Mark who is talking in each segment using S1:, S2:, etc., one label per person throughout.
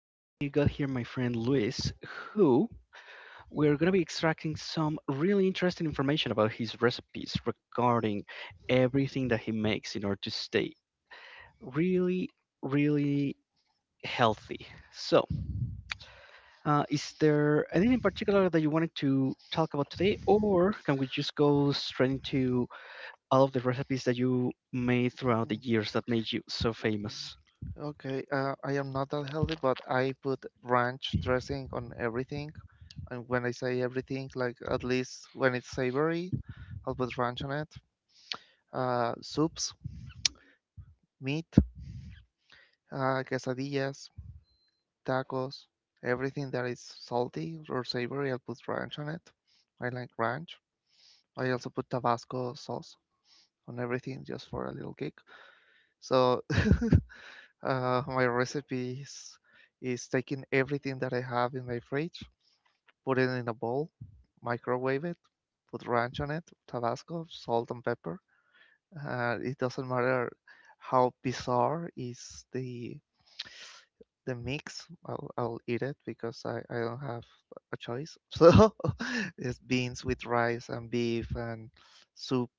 S1: we got here my friend Luis, who we're going to be extracting some really interesting information about his recipes regarding everything that he makes in order to stay really, really healthy. So, is there anything in particular that you wanted to talk about today, or can we just go straight into all of the recipes that you made throughout the
S2: Mm,
S1: years that made you so famous?
S2: Okay, I am not that healthy, but I put ranch dressing on everything. And when I say everything, like at least when it's savory, I'll put ranch on it. Soups, meat, quesadillas, tacos, everything that is salty or savory, I'll put ranch on it. I like ranch. I also put Tabasco sauce on everything just for a little kick. So my recipe is taking everything that I have in my fridge. Put it in a bowl, microwave it, put ranch on it, Tabasco, salt and pepper. It doesn't matter how bizarre is the mix. I'll eat it because I don't have a choice. So it's beans with rice and beef and soup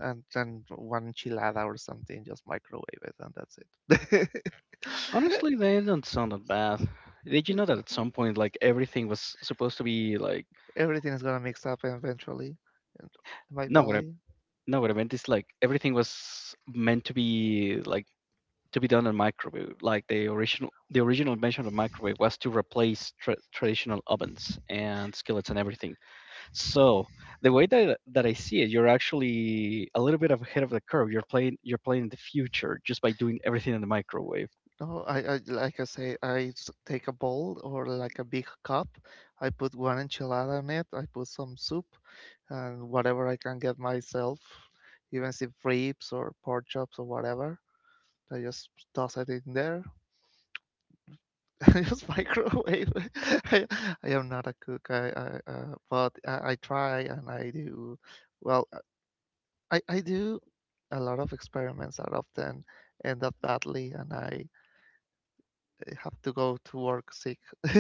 S2: and then one enchilada or something. Just microwave it and that's it.
S1: Honestly, they don't sound that bad. Did you know that at some point, like everything was supposed to be like
S2: Everything is gonna mix up eventually in my
S1: no, what I
S2: belly.
S1: no, what I meant is like everything was meant to be like to be done on microwave. Like the original invention of microwave was to replace traditional ovens and skillets and everything. So the way that I see it, you're actually a little bit ahead of the curve. You're playing in the future just by doing everything in the microwave.
S2: No, I like I say, take a bowl or like a big cup. I put one enchilada in it. I put some soup and whatever I can get myself, even if ribs or pork chops or whatever. I just toss it in there. I just microwave it. I, I am not a cook. I but I try and I do. Well, I do a lot of experiments that often end up badly, and I have to go to work sick.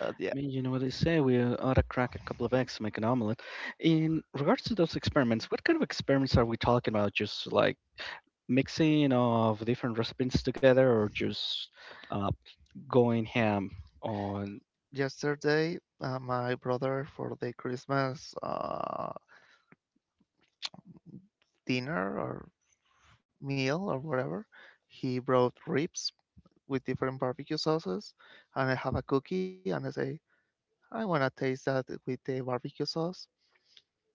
S2: Yeah.
S1: Mean, you know what they say, we ought to crack a couple of eggs to make an omelet. In regards to those experiments, what kind of experiments are we talking about? Just like mixing of different recipes together or just uh, going ham on?
S2: Yesterday my brother for the Christmas dinner or meal or whatever, he brought ribs with different barbecue sauces, and I have a cookie, and I say I want to taste that with the barbecue sauce,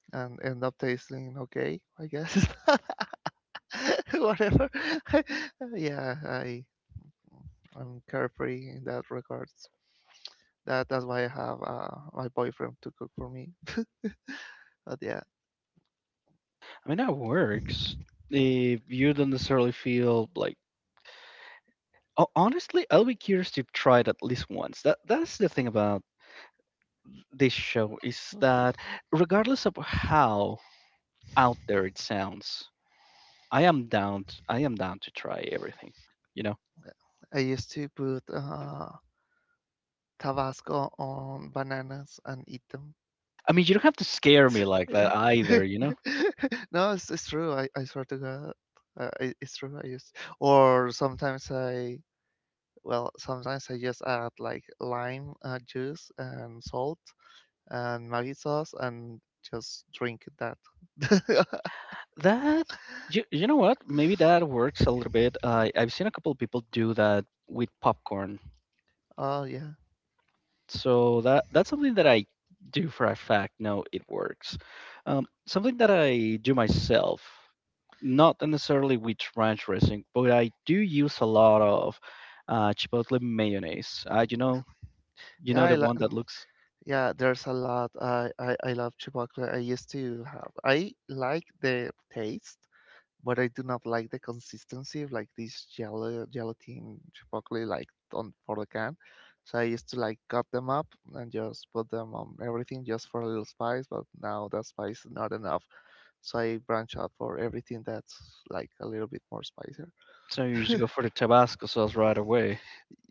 S2: and end up tasting okay, I guess. Whatever. Yeah, I, I'm carefree in that regards. That's why I have my boyfriend to cook for me. But yeah,
S1: I mean, that works if you don't necessarily feel like. Oh, honestly, I'll be curious to try it at least once. That's the thing about this show is that regardless of how out there it sounds, I am down to try everything. You know.
S2: I used to put Tabasco on bananas and eat them.
S1: I mean, you don't have to scare me like that either. You know.
S2: No, it's true. I swear to God, it's true. I used, or sometimes I, well, sometimes I just add like lime juice and salt and Maggi sauce and just drink that.
S1: That you know what? Maybe that works a little bit. I've seen a couple of people do that with popcorn.
S2: Oh yeah,
S1: So that's something that I do for a fact. No, it works. Something that I do myself, not necessarily with ranch dressing, but I do use a lot of chipotle mayonnaise. You
S2: yeah.
S1: know
S2: I
S1: the
S2: like,
S1: one that looks.
S2: yeah. There's a lot. I love chipotle. I used to have. I like the taste, but I do not like the consistency of like this gel gelatin chipotle like on for the can. So I used to like cut them up and just put them on everything just for a little spice, but now that spice is not enough. So I branch out for everything that's like a little bit more spicier.
S1: So you just go for the Tabasco sauce right away.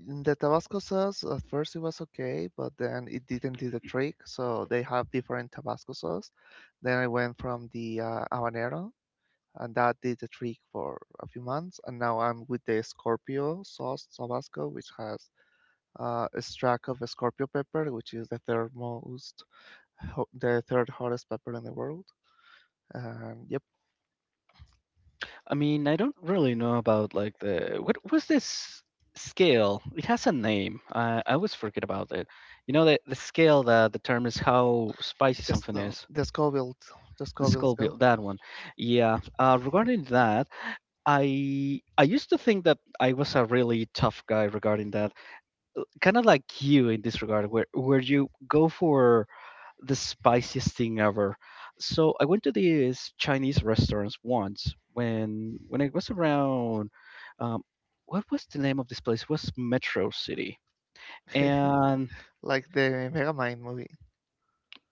S2: In the Tabasco sauce, at first it was okay, but then it didn't do the trick. So they have different Tabasco sauce. Then I went from the habanero, and that did the trick for a few months. And now I'm with the Scorpio sauce Tabasco, which has a extract of Scorpio pepper, which is the third most, the third hottest pepper in the world. And yep,
S1: I mean, I don't really know about like the what was this scale? It has a name. I always forget about it. You know the scale that determines how spicy
S2: it's
S1: something is.
S2: the
S1: The
S2: Scoville scale.
S1: Scorpio, that one. Yeah. Regarding that, I used to think that I was a really tough guy regarding that. Kind of like you in this regard, where you go for the spiciest thing ever. So I went to these Chinese restaurants once when I was around. Um, what was the name of this place? It was Metro City, and
S2: Like the Megamind movie.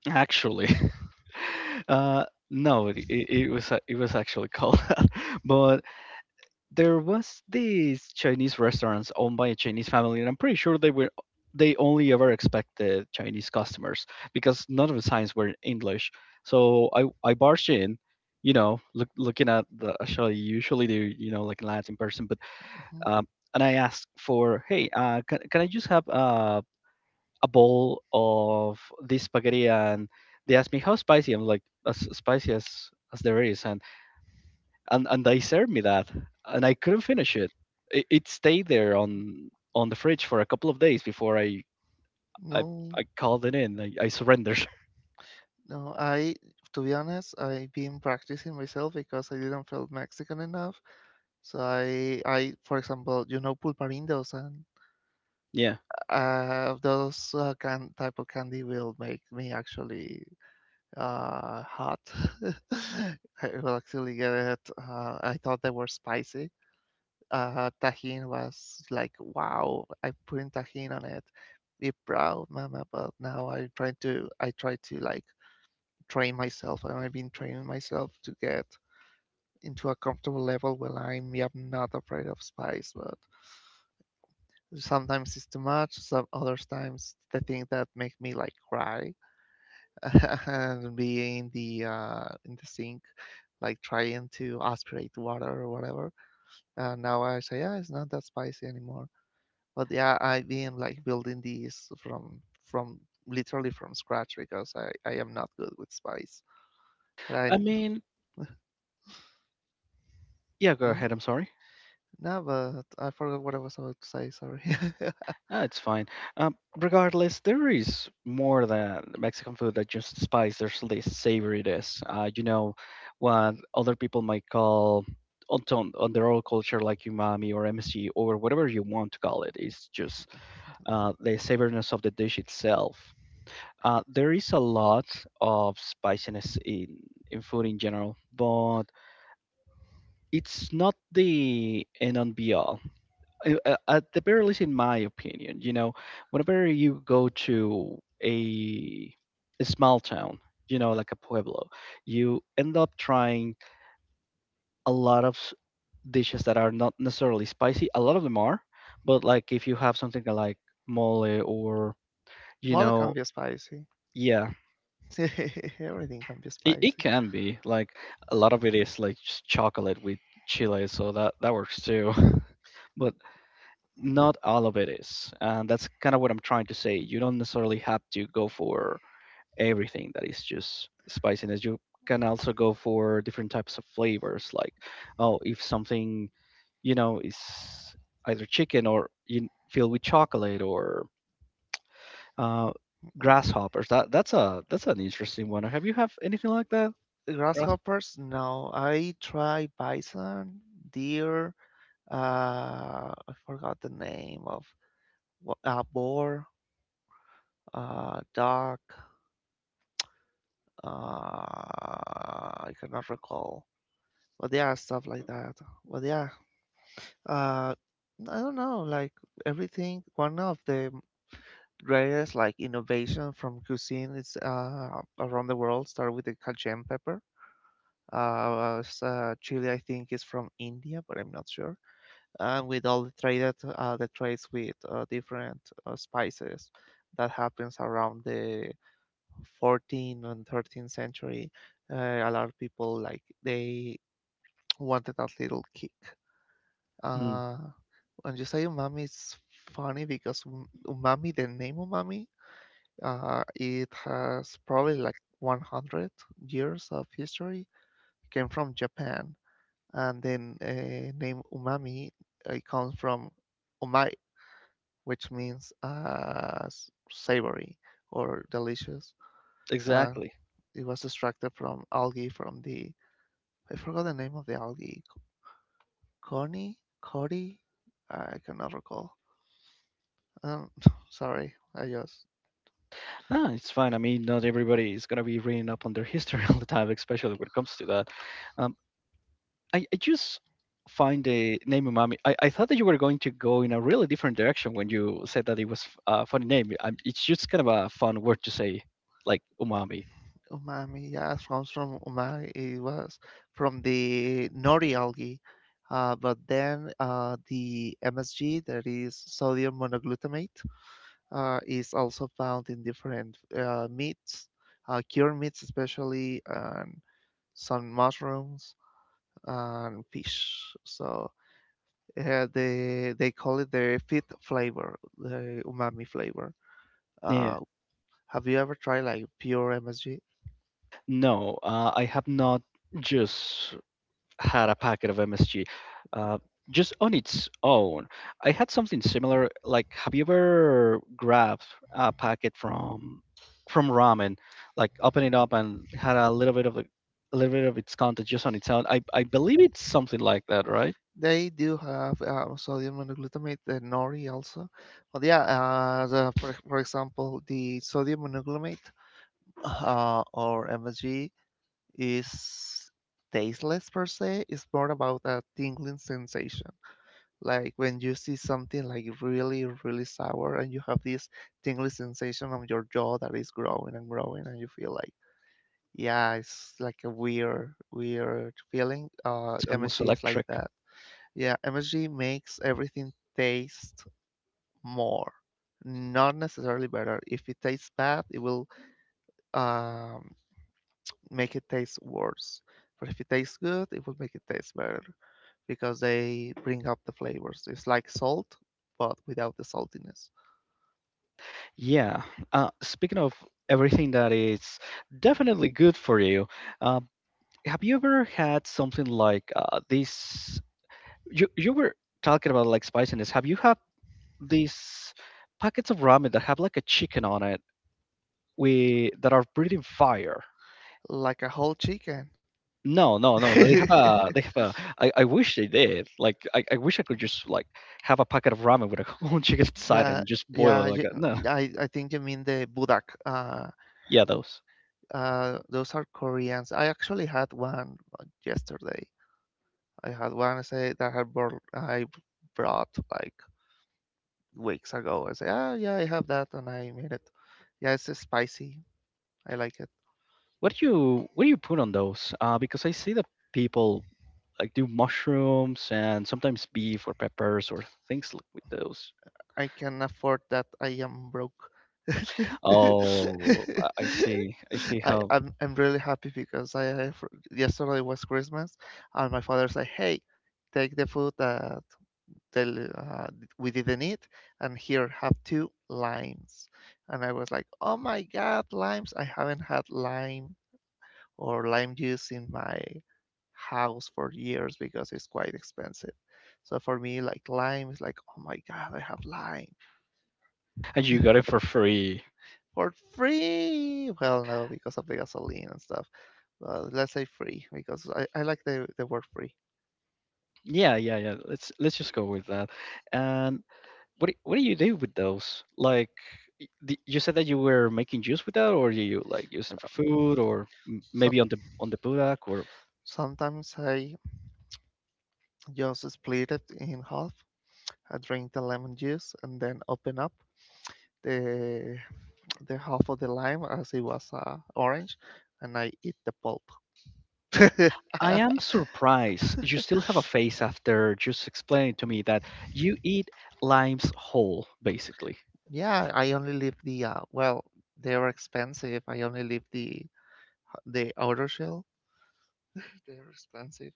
S1: actually, uh, no, it was actually called that, but there was these Chinese restaurants owned by a Chinese family, and I'm pretty sure they only ever expected Chinese customers because none of the signs were in English. So I barged in, you know, looking at the actually usually they you know like Latin person, but
S2: Mhm.
S1: um, and I asked for hey, can I just have a bowl of this spaghetti? And they asked me how spicy. I'm like as spicy as there is, and and they served me that, and I couldn't finish it. It stayed there on the fridge for a couple of days before I,
S2: No,
S1: I called it in. I surrendered.
S2: no, I to be honest, I've been practicing myself because I didn't feel Mexican enough. So I, for example, you know pulparindos, and
S1: Yeah,
S2: uh, those can type of candy will make me actually hot. I will actually get it. I thought they were spicy. Tajin was like, wow, I put in tajin on it. Be proud, mama. But now I'm trying to, I try to like train myself, and I've been training myself to get into a comfortable level where I'm, yeah, not afraid of spice. But sometimes it's too much. Some other times the thing that make me like cry and be in the sink, like trying to aspirate water or whatever. And now I say, yeah, it's not that spicy anymore. But yeah, I've been like building these from literally from scratch because I am not good with spice. But I
S1: I
S2: n-
S1: mean, yeah. Go
S2: hmm?
S1: ahead. I'm sorry.
S2: No, but I forgot what I was about to say. Sorry.
S1: No, it's fine. Regardless, there is more than Mexican food that just spice. There's the savouriness. You know, what other people might call on their own culture, like umami or MSG or whatever you want to call it, is just the savouriness of the dish itself. There is a lot of spiciness in food in general, but it's not the end and be all. At the very least, in my opinion, you know, whenever you go to a small town, you know, like a pueblo, you end up trying a lot of dishes that are not necessarily spicy. A lot of them are, but like if you have something like mole or, you
S2: Mother can
S1: know,
S2: be spicy.
S1: yeah,
S2: Everything can be
S1: it
S2: spicy.
S1: can be like a lot of it is like just chocolate with chili, so that that works too. But not all of it is, and that's kind of what I'm trying to say. You don't necessarily have to go for everything that is just spiciness. You can also go for different types of flavors. Like, oh, if something you know is either chicken or you filled with chocolate or uh, grasshoppers. That's an interesting one. Have you have anything like that? Grass?
S2: Grasshoppers? No, I try bison, deer. Uh, I forgot the name of what, boar, dog. I cannot recall, but yeah, stuff like that. But yeah, I don't know, like everything. One of the greatest like innovation from cuisine is around the world, start with the cayenne pepper. Uh, chili, I think, is from India, but I'm not sure. And with all the traded the trades with different spices that happens around the 14th and 13th century, a lot of people like they wanted that little kick. uh, when you say umami, it's funny because umami, the name umami, it has probably like 100 years of history. It came from Japan. And then name umami, it comes from umai, which means savory or delicious. Uh,
S1: Exactly.
S2: it was extracted from algae from the, I forgot the name of the algae. Corny, Cody, I cannot recall. Um, sorry, I just,
S1: Ah, it's fine. I mean, not everybody is gonna be reading up on their history all the time, especially when it comes to that. Um, I just find the name umami. I thought that you were going to go in a really different direction when you said that it was a funny name. I, it's just kind of a fun word to say, like umami.
S2: umami. Yeah, it comes from umami. It was from the nori algae, but then the MSG, that is sodium monoglutamate, is also found in different meats, cured meats especially, and some mushrooms and fish. So they call it the fifth flavor, the umami flavor.
S1: Yeah.
S2: Uh, have you ever tried like pure MSG?
S1: No, I have not just had a packet of MSG uh, just on its own. I had something similar. Like, have you ever grabbed a packet from ramen, like opened it up and had a little bit of a little bit of its content just on its own? I believe it's something like that, right?
S2: They do have sodium monoglutamate, the nori also, but yeah, for example, the sodium monoglutamate or MSG is tasteless per se. It's more about a tingling sensation. Like when you see something like really, really sour and you have this tingling sensation on your jaw that is growing and growing, and you feel like, yeah, it's like a weird, weird feeling.
S1: It's almost
S2: MSG is like
S1: electric.
S2: that. Yeah, MSG makes everything taste more. Not necessarily better. If it tastes bad, it will um, make it taste worse. But if it tastes good, it will make it taste better because they bring up the flavors. It's like salt, but without the saltiness.
S1: Yeah. Speaking of everything that is definitely good for you, uh, have you ever had something like this? You were talking about like spiciness. Have you had these packets of ramen that have like a chicken on it we that are breathing fire?
S2: Like a whole chicken.
S1: No no no no, they have a I wish they did. Like I wish I could just like have a packet of ramen with a whole chicken inside
S2: Yeah,
S1: and just boil it
S2: yeah.
S1: like
S2: You,
S1: that. No,
S2: I think you mean the budak.
S1: yeah, those.
S2: Those are Koreans. I actually had one yesterday. I had one. I say that I brought like weeks ago. I say, ah, yeah, I have that, and I made it. Yeah, it's spicy. I like it.
S1: What do you what do you put on those because I see that people like do mushrooms and sometimes beef or peppers or things like with those?
S2: I can afford that. I am broke.
S1: Oh, I see
S2: I,
S1: how.
S2: I'm really happy because I have, yesterday was Christmas, and my father said, "Hey, take the food that they, we didn't eat, and here have 2 limes." And I was like, "Oh my God, limes! I haven't had lime or lime juice in my house for years because it's quite expensive." So for me, like lime is like, "Oh my God, I have lime."
S1: And you got it for free.
S2: For free. Well, no, because of the gasoline and stuff. But let's say free because I like the word free.
S1: Yeah, yeah, yeah. Let's just go with that. And what do you do with those? Like, you said that you were making juice with that, or you like use them for
S2: Um,
S1: food, or maybe
S2: some,
S1: on the budak, or
S2: sometimes I just split it in half. I drink the lemon juice and then open up the the half of the lime as it was orange, and I eat the pulp.
S1: I am surprised you still have a face after just explaining to me that you eat limes whole, basically.
S2: Yeah, I only leave the well. They're expensive. I only leave the outer shell. They're expensive.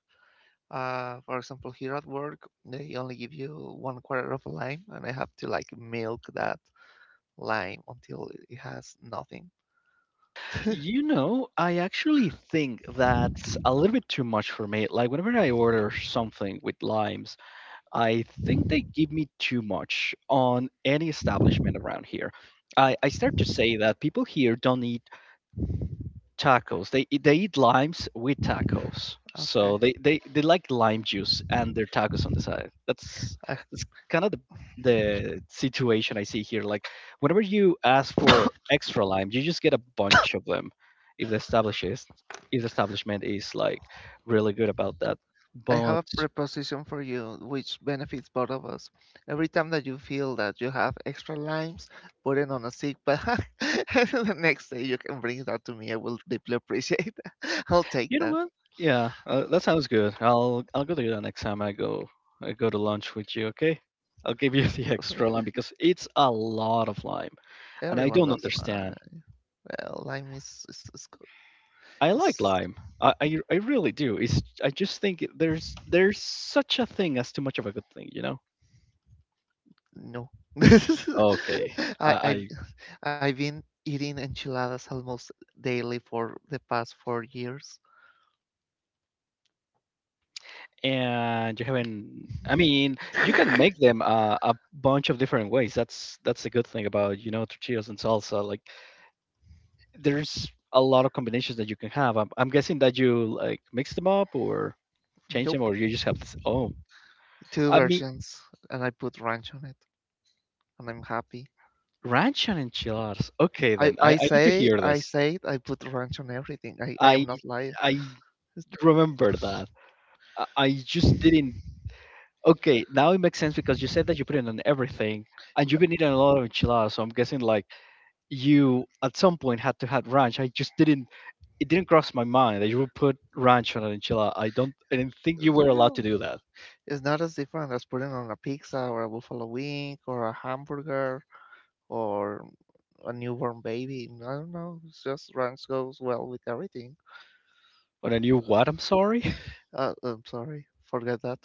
S2: For example, here at work, they only give you one quarter of a lime, and I have to like milk that lime until it has nothing.
S1: You know, I actually think that's a little bit too much for me. Like, whenever I order something with limes. I think they give me too much on any establishment around here. I start to say that people here don't eat tacos. They eat limes with tacos. So
S2: Okay.
S1: they like lime juice and their tacos on the side.
S2: I,
S1: That's kind of the situation I see here. Like whenever you ask for extra lime, you just get a bunch of them if the establishes if the establishment is like really good about that.
S2: I have
S1: But.
S2: a preposition for you which benefits both of us. Every time that you feel that you have extra limes, put it on a sick bag. The next day you can bring that to me. I will deeply appreciate that. I'll take
S1: You know
S2: that.
S1: what? Yeah, that sounds good. I'll go to you next time I go to lunch with you. Okay, I'll give you the extra lime because it's a lot of lime, and I
S2: Everyone
S1: don't
S2: loves
S1: understand.
S2: lime. Well, lime is good.
S1: I like
S2: It's
S1: lime. I really do. It's I just think there's such a thing as too much of a good thing. You know?
S2: no.
S1: Okay.
S2: I
S1: I
S2: I've been eating enchiladas almost daily for the past 4 years.
S1: and you haven't. I mean, you can make them a bunch of different ways. That's the good thing about you know tortillas and salsa. Like there's a lot of combinations that you can have. I'm guessing that you like mix them up or change
S2: Nope.
S1: them, or you just have this. Oh,
S2: Two
S1: I mean,
S2: versions, and I put ranch on it, and I'm happy.
S1: ranch and enchiladas. Okay, then I need to hear this.
S2: I put ranch on everything. I am
S1: I
S2: not lying.
S1: I remember that. I just didn't. Okay, now it makes sense because you said that you put it on everything, and you've been eating a lot of enchiladas. So I'm guessing like you at some point had to have ranch. I just didn't. It didn't cross my mind that you would put ranch on an enchilada. I don't. I didn't think you were allowed
S2: Yeah,
S1: to do that.
S2: it's not as different as putting on a pizza or a buffalo wing or a hamburger or a newborn baby. I don't know. It's just ranch goes well with everything.
S1: On a new what? I'm sorry.
S2: Oh, I'm sorry, forget that.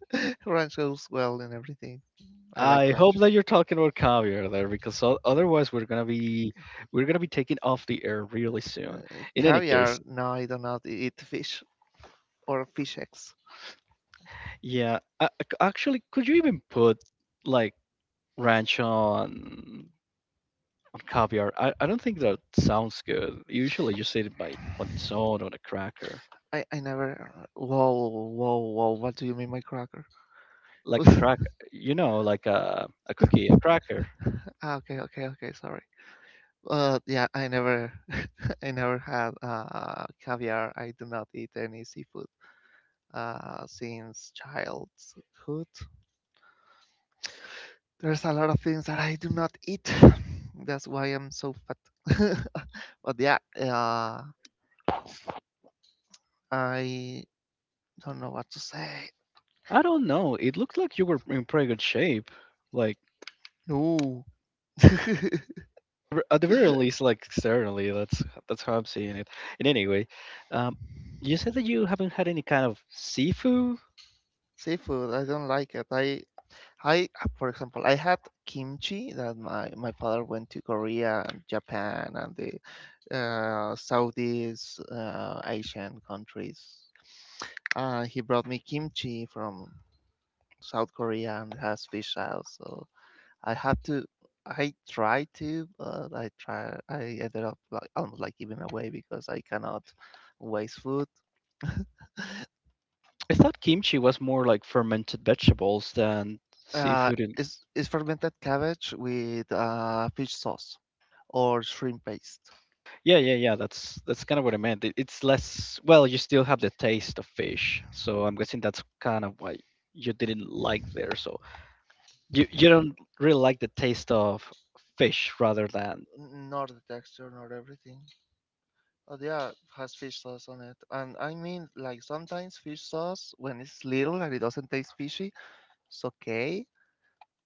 S2: Ranch goes well in everything. I like
S1: I hope
S2: ranch.
S1: that you're talking about caviar there, because otherwise we're gonna be taking off the air really soon. In any case,
S2: Caviar? No, I do not eat fish or fish eggs.
S1: yeah. Actually, could you even put like ranch on caviar? I don't think that sounds good. Usually you just eat it by on its own on a cracker.
S2: I never. Whoa, whoa, whoa! What do you mean by cracker?
S1: Like a crack like a cookie, a cracker.
S2: Ah, okay, okay, okay. Sorry. Yeah, I never, I never had caviar. I do not eat any seafood since childhood. There's a lot of things that I do not eat. That's why I'm so fat. But yeah, I don't know what to say.
S1: I don't know. It looked like you were in pretty good shape. Like
S2: No.
S1: at the very least, like externally, that's how I'm seeing it. And anyway, um, you said that you haven't had any kind of seafood.
S2: Seafood, I don't like it. I, for example, I had kimchi that my father went to Korea and Japan and the Southeast Asian countries. He brought me kimchi from South Korea and has fish sauce. So. I have to. I try to, but I try. I ended up like almost like giving away because I cannot waste food.
S1: I thought kimchi was more like fermented vegetables than
S2: Uh,
S1: seafood.
S2: it's fermented cabbage with fish sauce or shrimp paste.
S1: Yeah, yeah, yeah. That's kind of what I meant. It's less. Well, you still have the taste of fish, so I'm guessing that's kind of why you didn't like there. So you don't really like the taste of fish, rather than.
S2: Not the texture, not everything. Oh yeah, has fish sauce on it. And I mean, like sometimes fish sauce when it's little and it doesn't taste fishy, it's okay.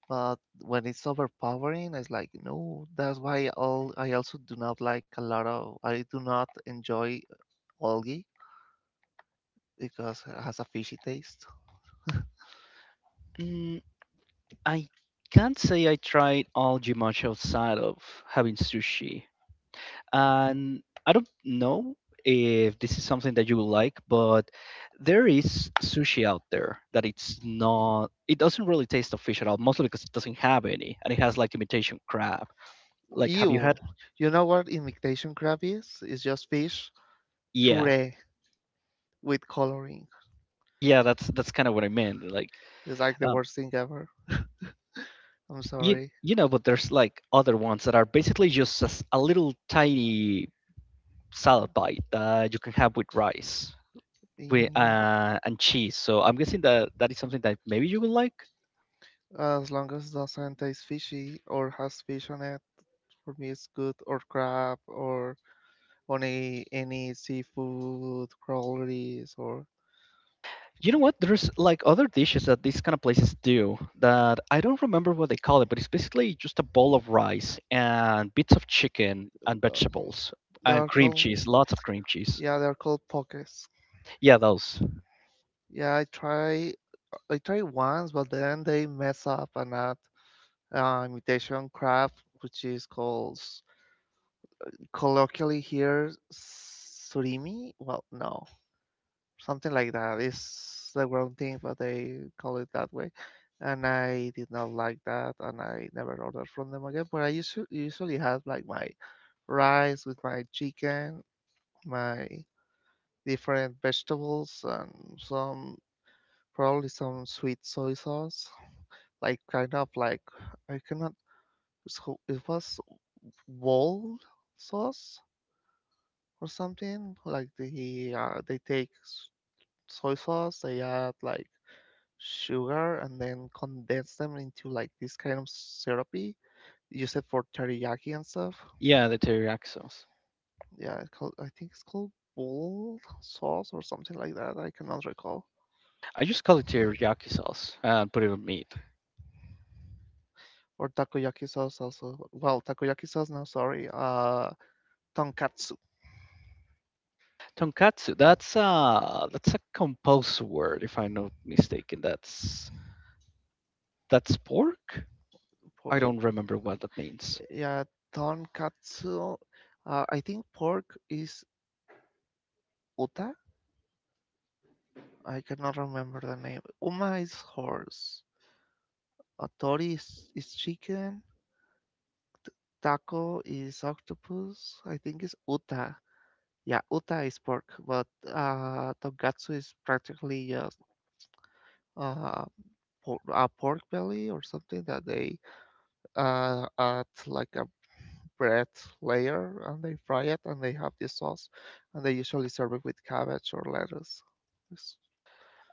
S2: But when it's overpowering, it's like no. That's why all I also do not like a lot of. I do not enjoy algae because it has a fishy taste.
S1: Mm, I can't say I tried all much outside of having sushi. And I don't know if this is something that you will like, but there is sushi out there that it's not, it doesn't really taste of fish at all, mostly because it doesn't have any, and it has like imitation crab. Like, have you had?
S2: Ew! You know what imitation crab is? It's just fish
S1: Yeah,
S2: puree with coloring.
S1: yeah, that's kind of what I meant. Like,
S2: It's like the
S1: um,
S2: worst thing ever. I'm
S1: you
S2: sorry.
S1: you know, but there's like other ones that are basically just a little tiny salad bite that you can have with rice. With,
S2: Ew.
S1: and cheese. So I'm guessing that that is something that maybe you will like.
S2: As long as it doesn't taste fishy or has fish on it, for me it's good. Or crab, or on a, any seafood crawlies, or
S1: You know what? There's like other dishes that these kind of places do that I don't remember what they call it, but it's basically just a bowl of rice and bits of chicken and vegetables
S2: they
S1: and
S2: are
S1: cream
S2: called,
S1: cheese, lots of cream cheese.
S2: yeah, they're called pokés.
S1: Yeah, those.
S2: Yeah, I tried once, but then they mess up and add imitation crab, which is called colloquially here surimi. Well, no, something like that. It's the wrong thing, but they call it that way. And I did not like that, and I never ordered from them again. But I usually have like my rice with my chicken, my different vegetables and some probably some sweet soy sauce, like kind of like I cannot. So it was bowl sauce or something. Like they take soy sauce, they add like sugar, and then condense them into like this kind of syrupy. Use it for teriyaki and stuff.
S1: Yeah, the teriyaki sauce.
S2: Yeah, it's called, I think it's called bowl sauce or something like that. I cannot recall.
S1: I just call it teriyaki sauce and put it on meat.
S2: Or takoyaki sauce also. Well, takoyaki sauce now. Sorry. Tonkatsu
S1: Tonkatsu, that's a composed word if I'm not mistaken. That's pork? I
S2: for.
S1: don't remember what that means.
S2: Yeah, tonkatsu. I think pork is uta. I cannot remember the name. Uma is horse. Tori is chicken. Taco is octopus. I think it's uta. Yeah, uta is pork, but tonkatsu is practically just uh, a pork belly or something that they add like a bread layer and they fry it and they have this sauce and they usually serve it with cabbage or lettuce. Yes.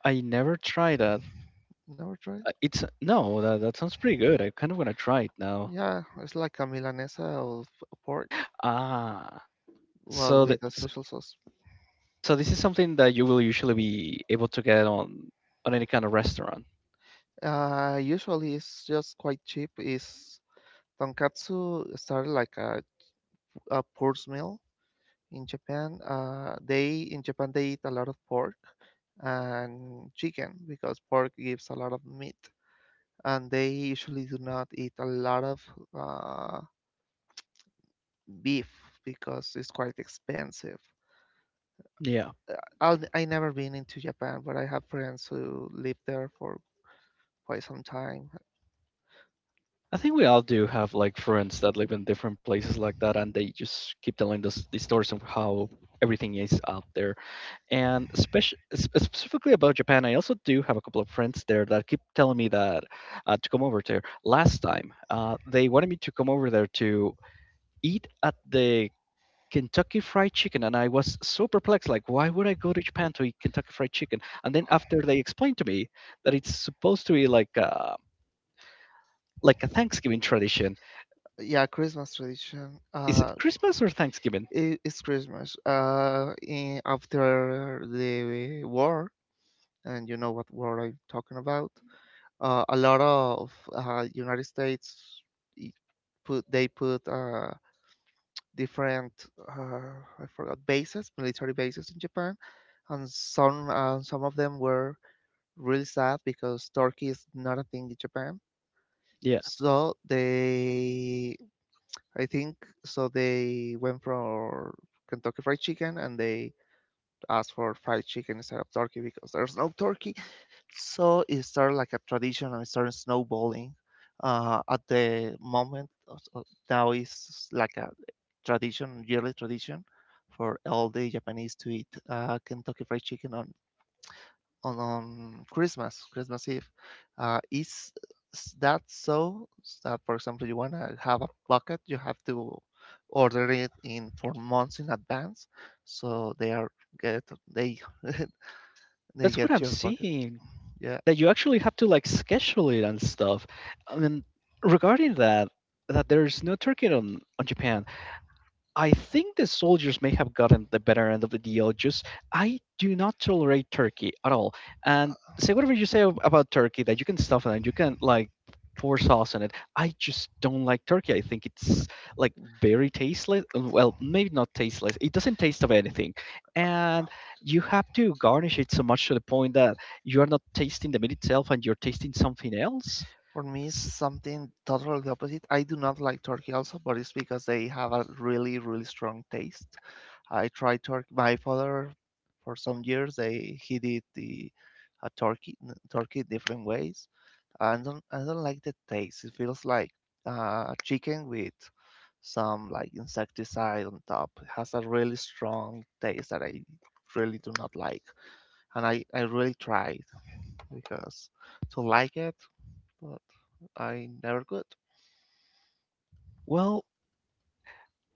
S1: I never tried that.
S2: Never tried?
S1: It's no, that, that sounds pretty good. I kind of want to try it now.
S2: Yeah, it's like a milanesa of pork,
S1: Ah,
S2: but
S1: so that
S2: with a
S1: s-
S2: special sauce.
S1: so this is something that you will usually be able to get on any kind of restaurant.
S2: Usually it's just quite cheap. Is tonkatsu started like a poor's meal in Japan. They In Japan they eat a lot of pork and chicken because pork gives a lot of meat, and they usually do not eat a lot of uh, beef because it's quite expensive.
S1: Yeah,
S2: I never been into Japan, but I have friends who live there for quite some time.
S1: I think we all do have like friends that live in different places like that, and they just keep telling us the stories of how everything is out there. And especially specifically about Japan, I also do have a couple of friends there that keep telling me that to come over there. Last time, they wanted me to come over there to eat at the Kentucky Fried Chicken, and I was so perplexed, like, why would I go to Japan to eat Kentucky Fried Chicken? And then after they explained to me that it's supposed to be like like a Thanksgiving tradition.
S2: Yeah, Christmas tradition.
S1: Is
S2: Uh,
S1: it Christmas or Thanksgiving?
S2: it, it's Christmas. After the war, and you know what war I'm talking about. A lot of United States i- put different I forgot bases, military bases in Japan, and some of them were really sad because Turkey is not a thing in Japan.
S1: Yeah,
S2: So they I think so. They went for Kentucky Fried Chicken and they asked for fried chicken instead of turkey because there's no turkey. So it started like a tradition and it started snowballing. Uh, at the moment, uh, uh, Now it's like a tradition, yearly tradition for all the Japanese to eat Kentucky Fried Chicken on Christmas, Christmas Eve. Uh, is that so? That, for example, you wanna have a bucket, you have to order it in for months in advance, so they are get they they
S1: that's what
S2: get
S1: I'm
S2: your bucket.
S1: seeing.
S2: Yeah.
S1: That you actually have to like schedule it and stuff. I mean, regarding that, that there's no turkey on Japan. I think the soldiers may have gotten the better end of the deal. Just I do not tolerate Turkey at all. And say whatever you say about Turkey that you can stuff it and you can like pour sauce on it. I just don't like Turkey. I think it's like very tasteless. Well, maybe not tasteless. It doesn't taste of anything, and you have to garnish it so much to the point that you are not tasting the meat itself and you're tasting something else.
S2: For me, it's
S1: S-
S2: something totally the opposite. I do not like turkey also, but it's because they have a really, really strong taste. I tried turkey. My father, for some years, they he did the uh, turkey turkey different ways. I don't like the taste. It feels like chicken with some like insecticide on top. It has a really strong taste that I really do not like, and I really tried because to like it, but I never could.
S1: Well,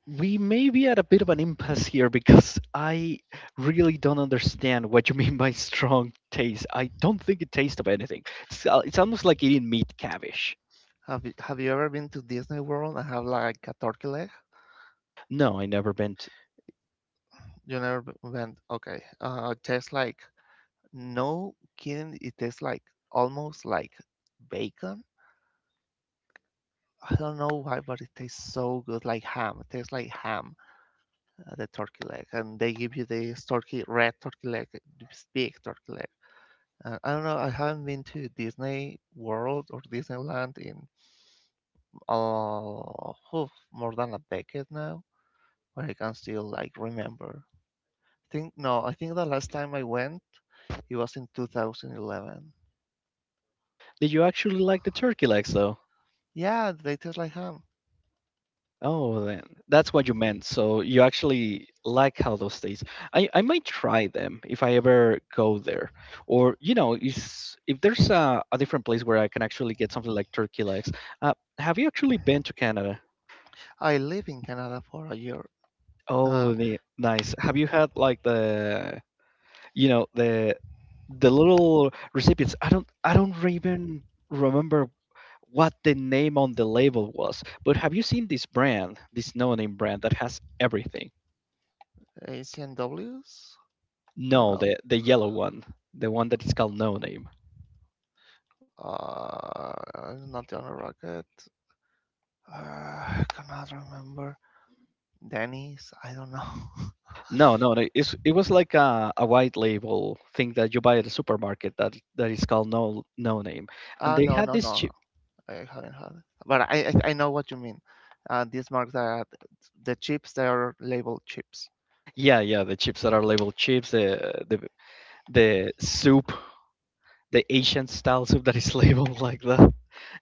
S1: we may be at a bit of an impasse here because I really don't understand what you mean by strong taste. I don't think it tastes of anything. It's almost like eating meat cavish.
S2: Have you ever been to Disney World and have like a turkey leg?
S1: No, I never meant.
S2: You never went. Okay, it tastes like no kidding. It tastes like almost like bacon. I don't know why, but it tastes so good, like ham. It tastes like ham, the turkey leg, and they give you this turkey, red turkey leg, this big turkey leg. I don't know. I haven't been to Disney World or Disneyland in more than a decade now, where I can still like remember. I think no, I think the last time I went, it was in 2011.
S1: Did you actually like the turkey legs though?
S2: Yeah, they taste like ham.
S1: Oh, then that's what you meant. So you actually like how those taste. I might try them if I ever go there, or you know, is if there's a different place where I can actually get something like turkey legs. Have you actually been to Canada?
S2: I lived in Canada for a year. Uh,
S1: Oh, nice. Have you had like the, you know, the little recipients? I don't even remember what the name on the label was. But have you seen this brand, this no name brand that has everything?
S2: ACNWs? I don't
S1: No,
S2: know.
S1: the yellow one, the one that is called no name.
S2: Not Johnny Rocket. I cannot remember. Denny's. I don't know.
S1: No, no, no, it's it was like a white label thing that you buy at the supermarket that that is called no name. And
S2: Ah,
S1: they
S2: no,
S1: had
S2: no,
S1: this
S2: no.
S1: chip.
S2: I haven't had it. But I know what you mean. These marks are the chips. They are labeled chips.
S1: Yeah, yeah, the chips that are labeled chips, the soup the Asian style soup that is labeled like that.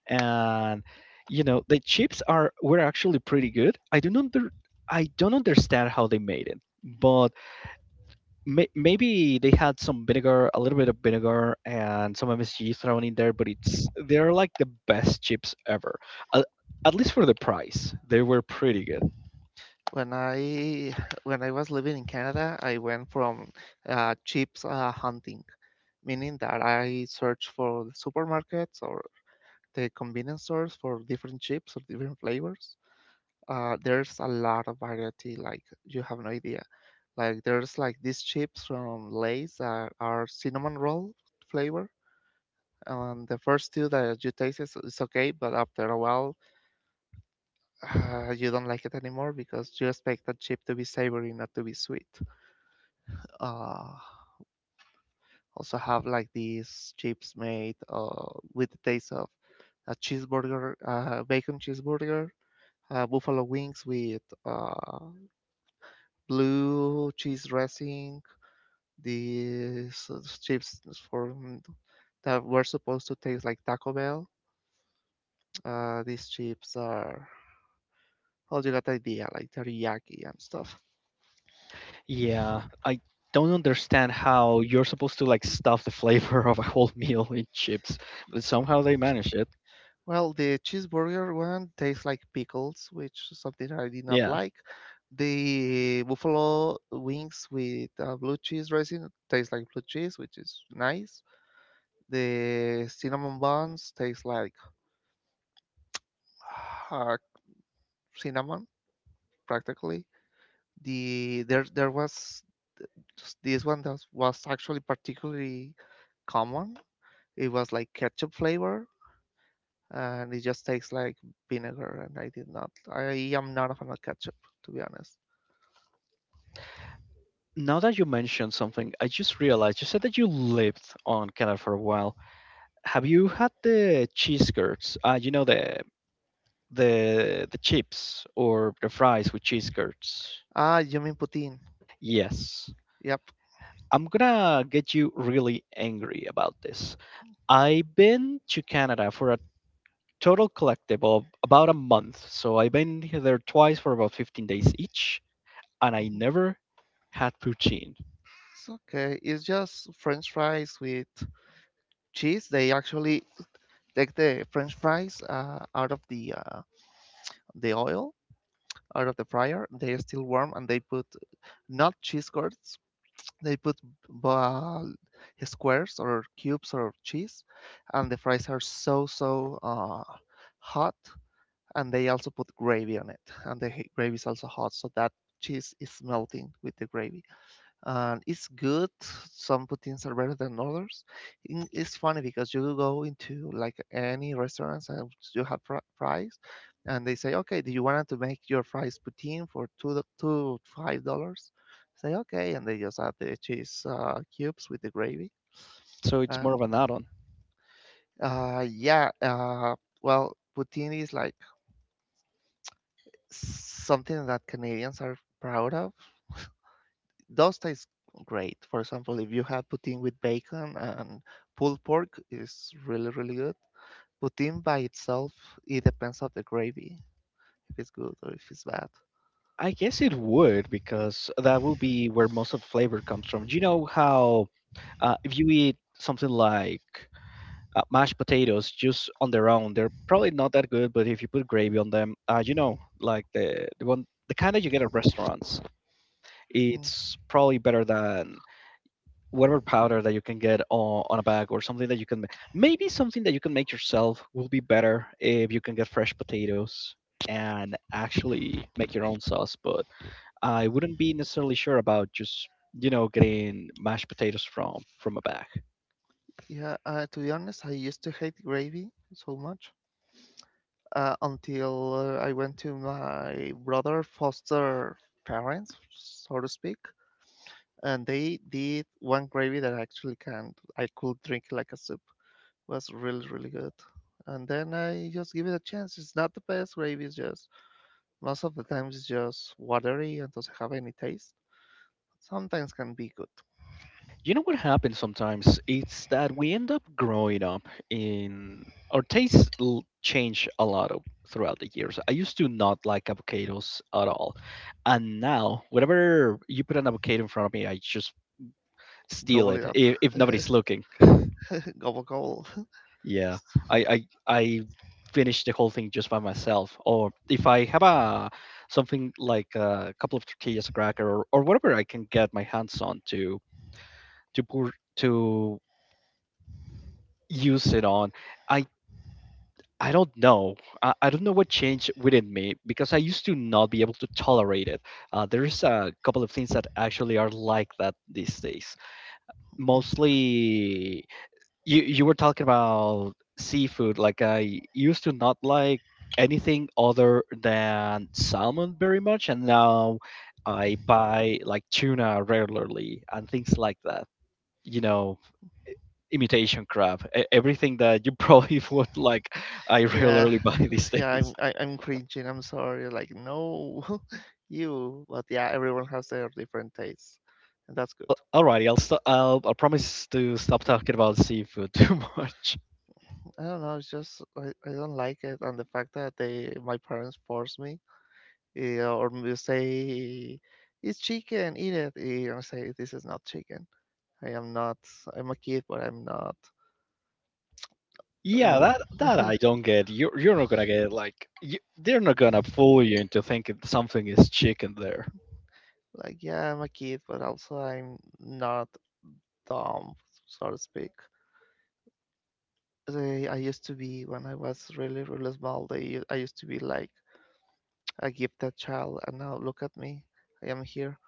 S1: And you know, the chips are were actually pretty good. I don't understand how they made it, but maybe they had some vinegar, a little bit of vinegar, and some MSG thrown in there. But it's they're like the best chips ever. At, at least for the price, they were pretty good.
S2: When I when I was living in Canada, I went from chips hunting, meaning that I searched for the supermarkets or the convenience stores for different chips or different flavors. There's a lot of variety, like you have no idea. Like there's like these chips from Lay's that are cinnamon roll flavor, and the first two that you taste is okay, but after a while, you don't like it anymore because you expect that chip to be savory, not to be sweet. Uh, Also have like these chips made with the taste of a cheeseburger, bacon cheeseburger, buffalo wings with blue cheese dressing. The so Chips from that were supposed to taste like Taco Bell. These chips are, well, you got the idea, like teriyaki and stuff.
S1: Yeah, I don't understand how you're supposed to like stuff the flavor of a whole meal in chips, but somehow they managed it.
S2: Well, the cheeseburger one tastes like pickles, which is something I did not
S1: Yeah.
S2: like. The buffalo wings with blue cheese dressing taste like blue cheese, which is nice. The cinnamon buns taste like uh, cinnamon, practically. There was this one that was actually particularly common. It was like ketchup flavor, and it just tastes like vinegar. And I did not. I am not a fan of ketchup, to be honest.
S1: Now that you mentioned something, I just realized you said that you lived on Canada for a while. Have you had the cheese curds? You know the chips or the fries with cheese curds.
S2: Ah, you mean poutine?
S1: Yes.
S2: Yep.
S1: I'm gonna get you really angry about this. I've been to Canada for a total collective of about a month, so I've been here there twice for about 15 days each, and I
S2: Mhm.
S1: never had poutine.
S2: It's okay. It's just French fries with cheese. They actually take the French fries out of the oil, out of the fryer. They are still warm, and they put not cheese curds. They put uh, squares or cubes or cheese, and the fries are so hot. And they also put gravy on it, and the gravy is also hot, so that cheese is melting with the gravy and it's good. Some poutines are better than others. It's funny because you go into like any restaurants and you have fries, and they say, "Okay, do you want to make your fries poutine for two five dollars?" Say, "Okay," and they just add the cheese cubes with the gravy.
S1: So it's
S2: Uh,
S1: more of an add-on.
S2: yeah. Well, poutine is like something that Canadians are proud of. Those taste great. For example, if you have poutine with bacon and pulled pork, is really really good. Poutine by itself, it depends on the gravy, if it's good or if it's bad.
S1: I guess it would because that will be where most of the flavor comes from. Do you know how if you eat something like mashed potatoes just on their own, they're probably not that good. But if you put gravy on them, you know, like the one the kind that you get at restaurants,
S2: Mm.
S1: it's probably better than whatever powder that you can get on a bag or something that you can maybe something that you can make yourself will be better if you can get fresh potatoes and actually make your own sauce. But I wouldn't be necessarily sure about just you know getting mashed potatoes from a bag.
S2: Yeah, to be honest, I used to hate gravy so much until I went to my brother foster parents, so to speak, and they did one gravy that I actually can I could drink like a soup. Was really really good. And then I just give it a chance. It's not the best gravy. It's just most of the times it's just watery and doesn't have any taste. Sometimes can be good.
S1: You know what happens sometimes? It's that we end up growing up in our tastes change a lot of, throughout the years. I used to not like avocados at all, and now whenever you put an avocado in front of me, I just steal
S2: Gobble it
S1: it
S2: up.
S1: if nobody's looking.
S2: Gobble gobble.
S1: Yeah, I finish the whole thing just by myself. Or if I have a something like a couple of tortillas, a cracker, or whatever I can get my hands on to pour to use it on, I I don't know. I don't know what changed within me because I used to not be able to tolerate it. There is a couple of things that actually are like that these days. Mostly you were talking about seafood. Like I used to not like anything other than salmon very much, and now I buy like tuna regularly and things like that. You know, imitation crab, everything that you probably would like. I
S2: Yeah,
S1: regularly buy these
S2: yeah,
S1: days.
S2: I'm cringing. I'm sorry. Like no, you. But yeah, everyone has their different tastes, and that's good.
S1: Al- Alrighty, I'll stop. I promise to stop talking about seafood too much.
S2: I don't know. It's just I don't like it, and the fact that they my parents forced me or you say it's chicken, eat it. And I say this is not chicken. I am not. I'm a kid, but I'm not.
S1: Yeah,
S2: Mm.
S1: that that I don't get. You're not gonna get like you, they're not gonna fool you into thinking something is chicken there.
S2: Like yeah, I'm a kid, but also I'm not dumb, so to speak. I used to be when I was really really small. They I used to be like a gifted child, and now look at me. I am here,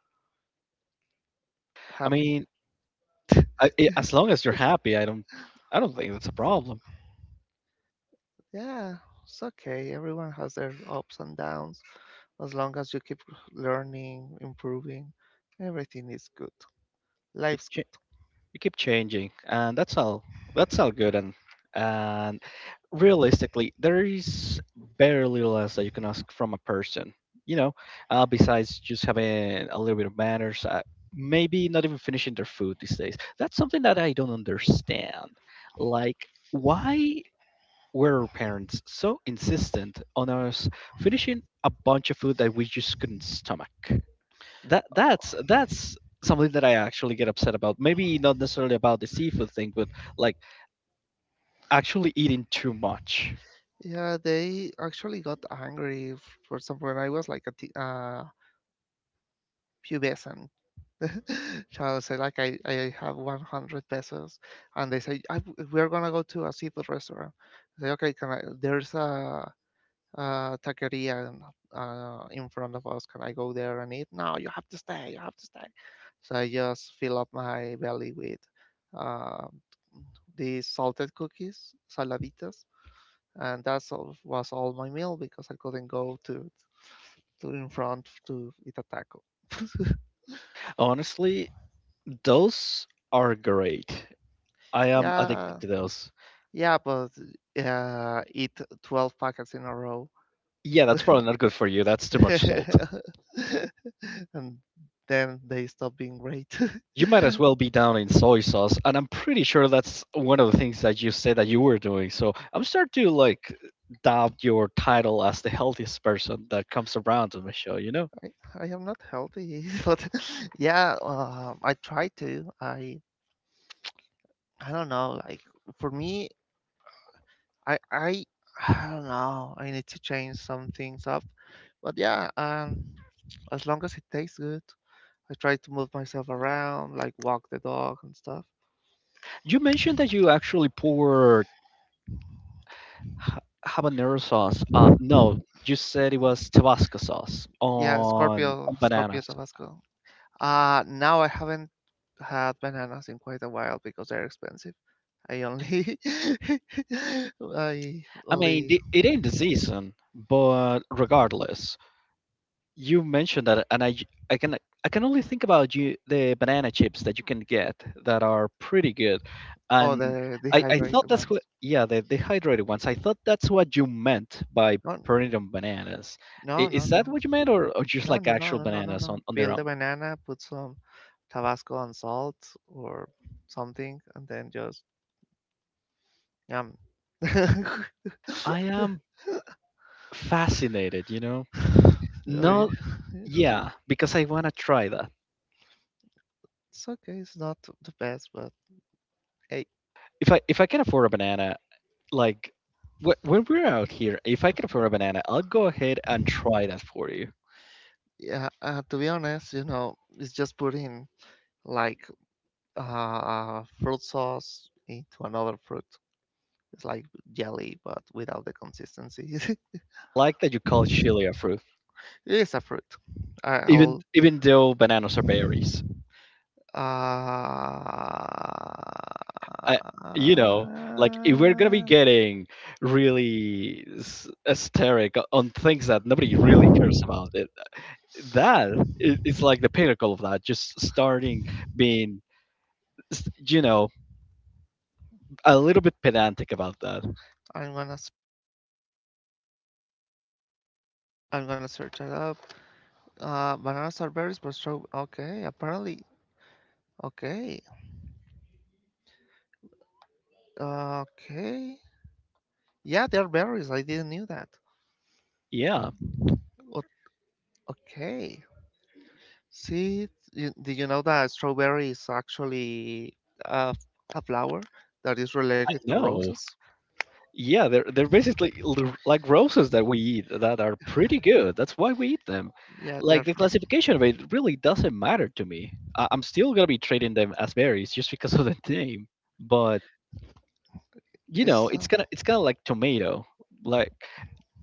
S1: I
S2: happy.
S1: mean, I as long as you're happy, I don't think that's a problem.
S2: Yeah, it's okay. Everyone has their ups and downs. As long as you keep learning, improving, everything is good. Life's good.
S1: You keep changing and that's all good and realistically there is barely less that you can ask from a person you know besides just having a little bit of manners maybe not even finishing their food these days that's something that I don't understand like why were our parents so insistent on us finishing a bunch of food that we just couldn't stomach that's something that I actually get upset about. Maybe not necessarily about the seafood thing, but like actually eating too much.
S2: Yeah, they actually got angry for some when I was like a pubescent. Child say like I have 100 pesos, and they say I, we're gonna go to a seafood restaurant. I say okay, can I? There's a taqueria in front of us. Can I go there and eat? No, you have to stay. You have to stay. So I just fill up my belly with uh, the salted cookies, saladitas, and that was all my meal because I couldn't go to in front to eat a taco.
S1: Honestly, those are great. I am addicted
S2: Yeah,
S1: to those.
S2: yeah, but eat 12 packets in a row,
S1: Yeah, that's probably not good for you. That's too much salt.
S2: and then they stop being great.
S1: You might as well be down in soy sauce, and I'm pretty sure that's one of the things that you said that you were doing. So I'm starting to like doubt your title as the healthiest person that comes around on the show. You know,
S2: I, I am not healthy, but yeah, I try to. I don't know. Like for me, I I don't know. I need to change some things up. But yeah, as long as it tastes good, I try to move myself around, like walk the dog and stuff.
S1: you mentioned that you actually pour Ha- habanero sauce.
S2: Mm,
S1: No, you said it was Tabasco sauce
S2: yeah, Scorpio,
S1: on
S2: Scorpio
S1: bananas.
S2: Tabasco. Now I haven't had bananas in quite a while because they're expensive. I only, I
S1: I mean,
S2: only,
S1: the, it ain't the season, but regardless, you mentioned that, and I can only think about you the banana chips that you can get that are pretty good,
S2: oh,
S1: and
S2: the
S1: I thought
S2: dehydrated
S1: that's what,
S2: ones.
S1: yeah, the dehydrated ones. I thought that's what you meant by
S2: No,
S1: putting it on bananas.
S2: no,
S1: I-
S2: no,
S1: Is
S2: no,
S1: that what you meant, or just
S2: no,
S1: like
S2: no, no,
S1: actual
S2: no, no, no,
S1: bananas on,
S2: no.
S1: on their
S2: Peel the
S1: own?
S2: banana, put some Tabasco and salt or something, and then just Um,
S1: I am fascinated.
S2: sorry.
S1: Not Yeah, because I want to try that.
S2: It's okay. It's not the best, but hey,
S1: If I can afford a banana, like when we're out here, if I can afford a banana, I'll go ahead and try that for you.
S2: yeah. To be honest, you know, it's just putting like fruit sauce into another fruit. It's like jelly, but without the consistency. It
S1: Like that you call chili a fruit,
S2: is a fruit.
S1: even
S2: I'll.
S1: even though bananas are berries.
S2: Uh,
S1: I you know, like if we're gonna be getting really hysteric on things that nobody really cares about, that is like the pinnacle of that. Just starting being, s- you know, a little bit pedantic about that.
S2: I'm I'm gonna search it up. Bananas are berries, but straw. Okay, apparently okay. Okay. Yeah, they're berries. I didn't knew that.
S1: Yeah,
S2: O- Okay. See, you, did you know that strawberry is actually a, a flower that is
S1: I
S2: related to
S1: know.
S2: roses?
S1: Yeah, they're basically like roses that we eat that are pretty good. That's why we eat them.
S2: Yeah, they're
S1: Like the
S2: from,
S1: classification of it really doesn't matter to me. I'm still gonna be treating them as berries just because of the name. But
S2: it's
S1: it's kind of like tomato. Like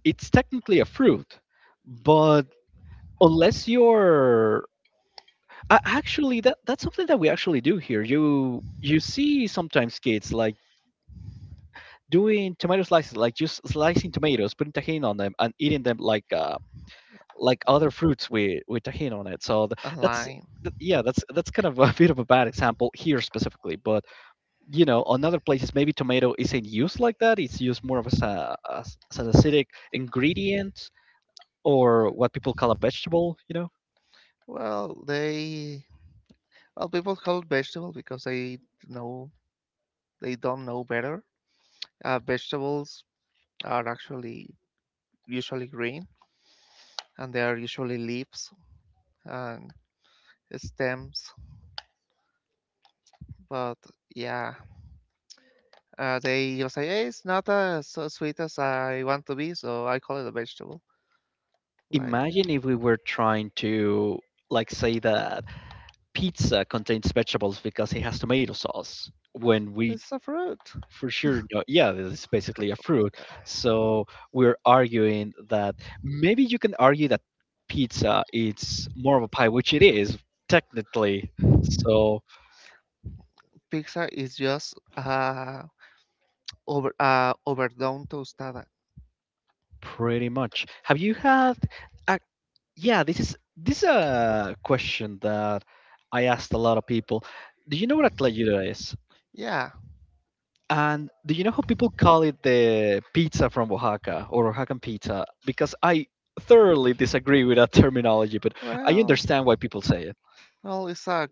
S1: it's technically a fruit, but unless you're actually that's something that we actually do here. You see sometimes kids like doing tomato slices, like just slicing tomatoes, putting tahini on them, and eating them like other fruits with tahini on it. So
S2: a line.
S1: yeah, that's kind of a bit of a bad example here specifically, but on other places maybe tomato isn't used like that. It's used more of as an acidic ingredient or what people call a vegetable.
S2: Well, they, well, people call it vegetable because they know, they don't know better. Vegetables are actually usually green and they are usually leaves and stems, but yeah. They just say, "Hey, it's not as so sweet as I want to be," so I call it a vegetable. Like
S1: Imagine if we were trying to like say that pizza contains vegetables because it has tomato sauce when we…
S2: it's a fruit.
S1: For sure, no, yeah, this is basically a fruit. So we're arguing that maybe you can argue that pizza it's more of a pie, which it is technically. So
S2: Pizza is just over overdone tostada.
S1: pretty much. Have you had? A, yeah, this is a question that I asked a lot of people. Do you know what a tlayuda is?
S2: Yeah.
S1: And do you know how people call it the pizza from Oaxaca or Oaxacan pizza? Because I thoroughly disagree with that terminology, but I
S2: Well,
S1: understand why people say it.
S2: well, it's a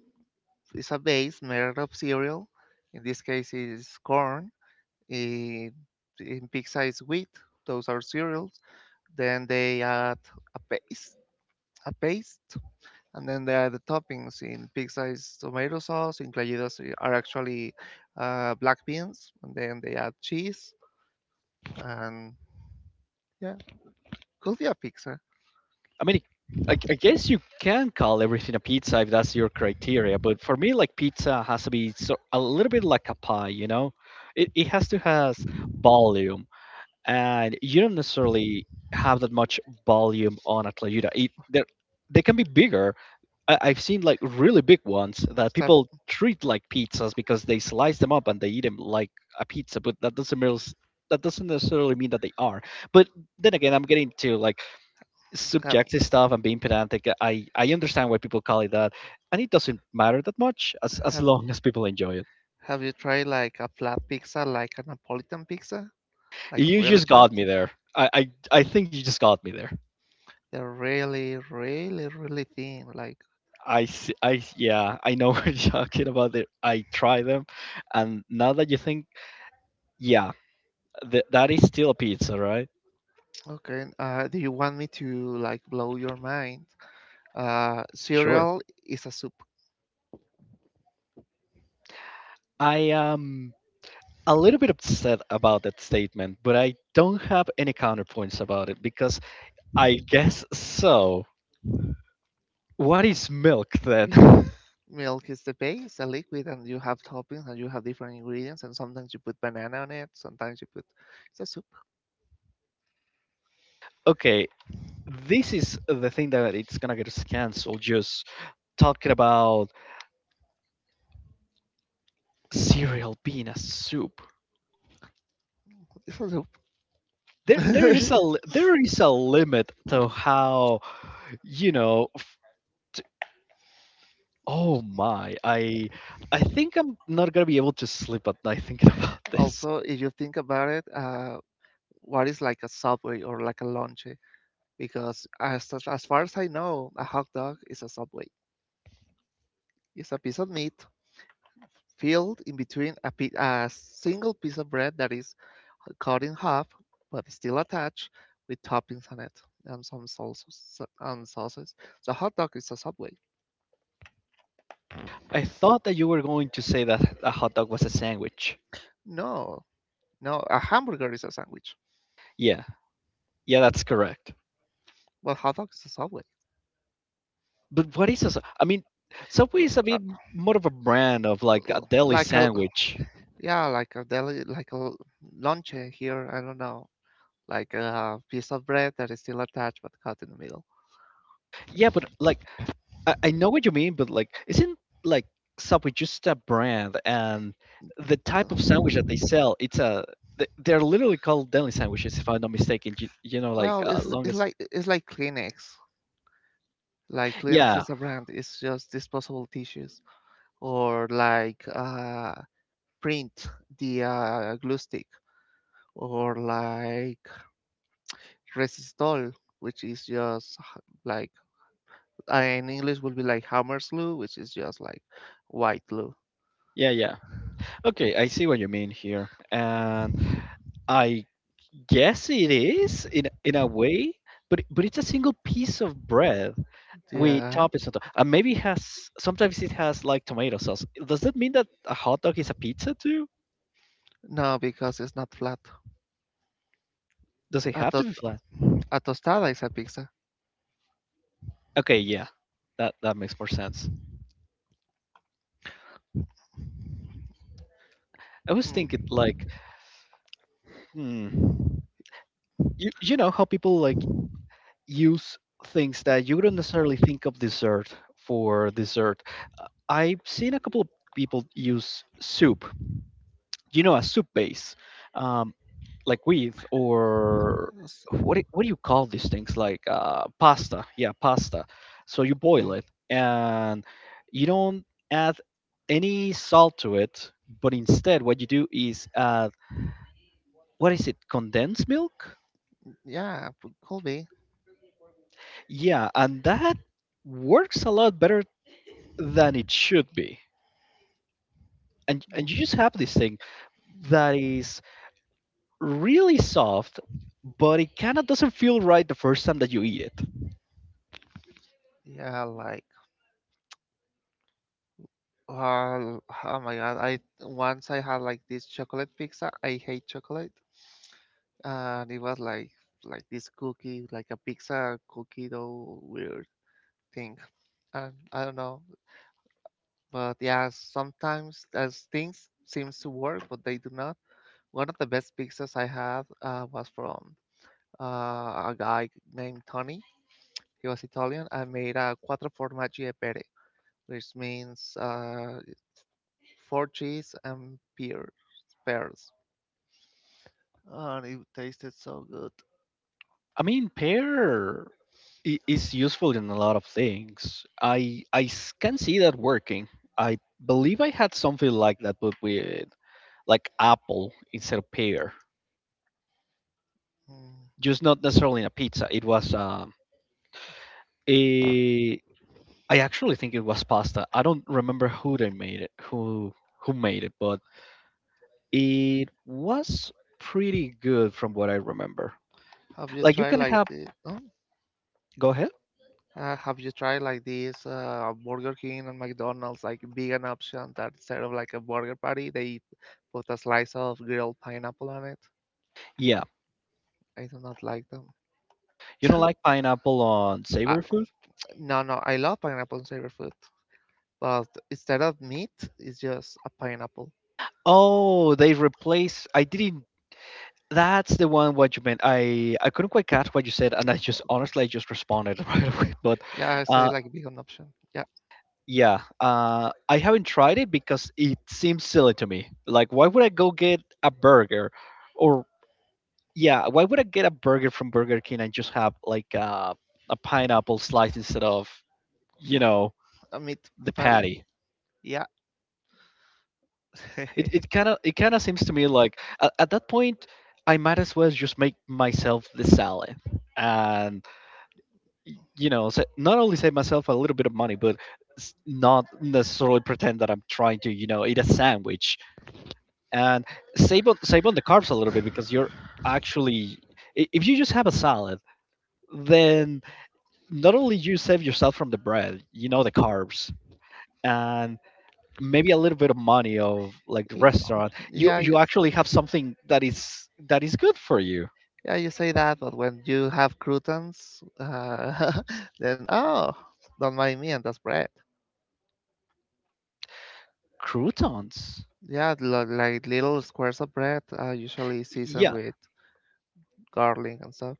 S2: it's a base made of cereal. In this case, it's corn. In, in pizza, it's wheat. Those are cereals. Then they add a paste, a paste. And then there are the toppings in pizza is tomato sauce, in playitos are actually black beans, and then they add cheese, and yeah, could be a pizza.
S1: I mean, I guess you can call everything a pizza if that's your criteria, but for me, like pizza has to be so, a little bit like a pie, you know? It has to has volume, and you don't necessarily have that much volume on a tlayuda. They can be bigger. I've seen like really big ones that
S2: Have,
S1: people treat like pizzas because they slice them up and they eat them like a pizza, but that doesn't mean that doesn't necessarily mean that they are. But then again, I'm getting to like
S2: have,
S1: subjective stuff and being pedantic. I understand why people call it that, and it doesn't matter that much as
S2: have,
S1: long as people enjoy it.
S2: have you tried like a flat pizza, like a Napolitan pizza? Like
S1: You
S2: really
S1: just
S2: flat?
S1: got me there. I think you just got me there.
S2: They're really, really, really thin. Like,
S1: I, s- I Yeah, I know what you're talking about it. I try them, and now that you think, yeah, that is still a pizza, right?
S2: okay, do you want me to like blow your mind?
S1: Sure.
S2: Cereal is a soup.
S1: I am a little bit upset about that statement, but I don't have any counterpoints about it because I guess so. What is milk then?
S2: Milk is the base, a liquid, and you have toppings and you have different ingredients, and sometimes you put banana on it, sometimes you put it's a soup.
S1: Okay, this is the thing that it's gonna get us canceled. Just talking about cereal being a soup.
S2: It's a soup.
S1: There is a limit to how. you know Oh my, I think I'm not gonna be able to sleep at night thinking about this.
S2: Also, if you think about it, what is like a subway or like a lunch? Because as far as I know, a hot dog is a subway. It's a piece of meat filled in between a single piece of bread that is cut in half but still attached with toppings on it and some sauces and sauces. So hot dog is a subway.
S1: I thought that you were going to say that a hot dog was a sandwich.
S2: No, no, a hamburger is a sandwich,
S1: Yeah, yeah, that's correct.
S2: but hot dog is a subway.
S1: But what is a? I mean, Subway
S2: L-
S1: is a
S2: uh,
S1: bit more of a brand of like a deli
S2: Like a
S1: sandwich.
S2: yeah, like a deli, like a lunch here. I don't know, like a piece of bread that is still attached but cut in the middle.
S1: Yeah, but like I know what you mean, but like isn't like Subway just a brand and the type of sandwich that they sell? They're literally called deli sandwiches, if I'm not mistaken.
S2: Well, it's
S1: Longest.
S2: like it's like Kleenex. Like Kleenex
S1: Yeah,
S2: is a brand. It's just disposable tissues, or like print the glue stick, or like Resistol, which is just like in English would be like Hammerslu, which is just like white glue.
S1: yeah, yeah. Okay, I see what you mean here. And I guess it is in a way, but it's a single piece of bread with
S2: Yeah.
S1: toppings on top. And maybe it has sometimes it has like tomato sauce. Does that mean that a hot dog is a pizza too?
S2: No, because it's not flat.
S1: Does it
S2: A,
S1: have to be
S2: tos-
S1: flat?
S2: a tostada is a pizza.
S1: Okay, yeah. That makes more sense. I was thinking
S2: Mm.
S1: like, hmm, you know how people like use things that you wouldn't necessarily think of dessert for dessert. I've seen a couple of people use soup, a soup base, um, like with
S2: s-
S1: or what do you call these things? Like pasta, yeah, pasta. So you
S2: mm,
S1: boil it and you don't add any salt to it, but instead what you do is add what is it? Condensed milk?
S2: Yeah, could be.
S1: Yeah, and that works a lot better than it should be. And you
S2: Mm.
S1: just have this thing that is really soft, but it kind of doesn't feel right the first time that you eat it.
S2: Yeah, like, well, oh my God. I had like this chocolate pizza. I hate chocolate. And it was like this cookie, like a pizza cookie dough weird thing. And I don't know. But yeah, sometimes as things seems to work, but they do not. One of the best pizzas I had was from a guy named Tony. He was Italian. I made a quattro formaggi e pere, which means four cheese and pears. And it tasted so good.
S1: I mean, pear is useful in a lot of things. Can see that working. I believe I had something like that, but with like apple instead of pear,
S2: Mm.
S1: just not necessarily in a pizza. It was a I actually think it was pasta. I don't remember who they made it, who made it, but it was pretty good from what I remember.
S2: Have you
S1: Like you
S2: tried
S1: can
S2: like
S1: have.
S2: this?
S1: Go ahead.
S2: Have you tried like this Burger King and McDonald's like vegan option that instead of like a burger patty they put a slice of grilled pineapple on it?
S1: Yeah,
S2: I do not like them.
S1: you don't like pineapple on
S2: I,
S1: savory food?
S2: no, no, I love pineapple in favorite food, but instead of meat, it's just a pineapple.
S1: Oh, they replace. I didn't. That's the one what you meant. I couldn't quite catch what you said, and I just honestly I just responded right away. But
S2: Yeah, I say
S1: uh,
S2: like vegan option. Yeah,
S1: yeah, I haven't tried it because it seems silly to me. Like, why would I go get a burger, or yeah, why would I get a burger from Burger King and just have like a pineapple slice instead of you know
S2: a meat
S1: the
S2: patty.
S1: patty?
S2: Yeah,
S1: It
S2: Y-
S1: it kind of it kind of seems to me like at that point I might as well just make myself the salad and not only save myself a little bit of money but not necessarily pretend that I'm trying to eat a sandwich and save on the carbs a little bit because actually if you just have a salad, then not only you save yourself from the bread, the carbs, and maybe a little bit of money of like the restaurant. you
S2: yeah,
S1: you actually have something that is good for you.
S2: yeah, you say that, but when you have croutons, then oh, don't mind me and that's bread.
S1: Croutons?
S2: Yeah, like, little squares of bread, usually
S1: Yeah.
S2: seasoned with garlic and stuff.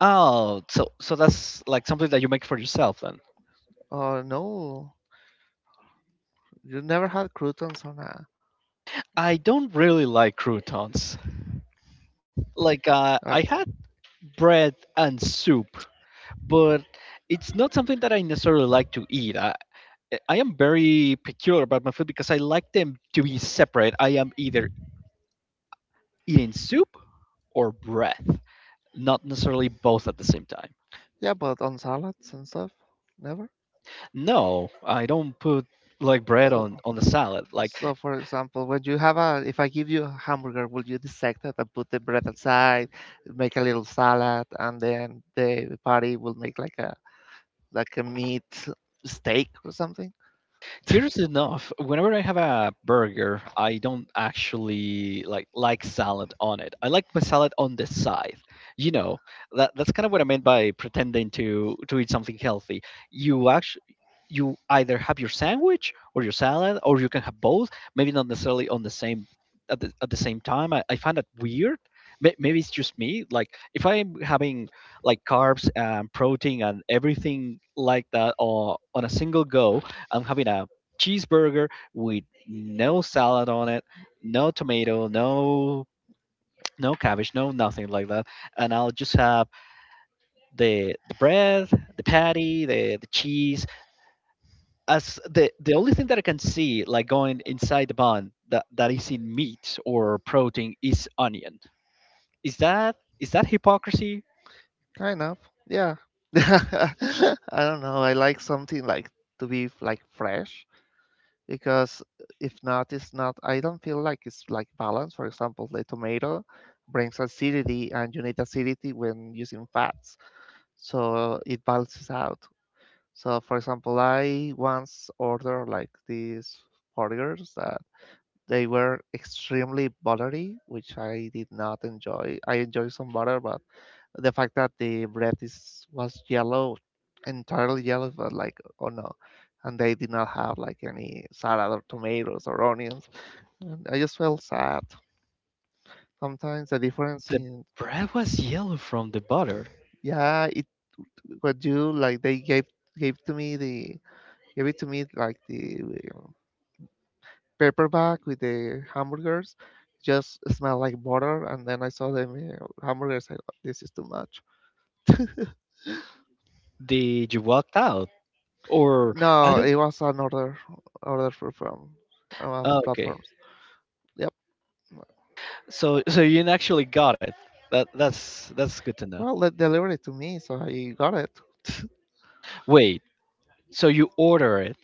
S1: Oh, so that's like something that you make for yourself then?
S2: Oh no, you never had croutons on
S1: I don't really like croutons. Like,
S2: uh,
S1: I had bread and soup, but it's not something that I necessarily like to eat. I am very peculiar about my food, because I like them to be separate. I am either eating soup or bread, not necessarily both at the same time.
S2: yeah, but on salads and stuff, never.
S1: No, I don't put like bread
S2: So,
S1: on the salad. Like…
S2: so for example, when you have a, if I give you a hamburger, will you dissect it and put the bread aside, make a little salad, and then the party will make like a meat steak or something?
S1: Curious enough, whenever I have a burger, I don't actually like salad on it. I like my salad on the side. You know, that's kind of what I meant by pretending to eat something healthy. You actually you either have your sandwich or your salad, or you can have both. Maybe not necessarily on the same at the same time. I find that weird. Maybe it's just me. Like if I'm having like carbs and protein and everything like that or on a single go, I'm having a cheeseburger with no salad on it, no tomato, no cabbage, no nothing like that. And I'll just have the bread, the patty, the cheese, as the only thing that I can see like going inside the bun that is in meat or protein is onion. Is that hypocrisy?
S2: Kind of, yeah. I don't know. I like something like to be like fresh because if not, it's not. I don't feel like it's like balance. For example, the tomato brings acidity, and you need acidity when using fats, so it balances out. So, for example, I once ordered like these burgers that they were extremely buttery, which I did not enjoy. I enjoy some butter, but the fact that the bread is was yellow, entirely yellow, but like oh no, and they did not have like any salad or tomatoes or onions. And I just felt sad. Sometimes the difference
S1: The
S2: in
S1: bread was yellow from the butter.
S2: yeah, it what you like they gave gave to me the gave it to me like the uh, paperback with the hamburgers just smell like butter and then I saw the hamburgers I, go, this is too much.
S1: Did you walked out? Or… I
S2: No,
S1: don't.
S2: it was another other from
S1: Oh, okay.
S2: platforms. Yep.
S1: So you actually got it. That's good to know.
S2: Well, they delivered it to me, so I got it.
S1: Wait. So you order it.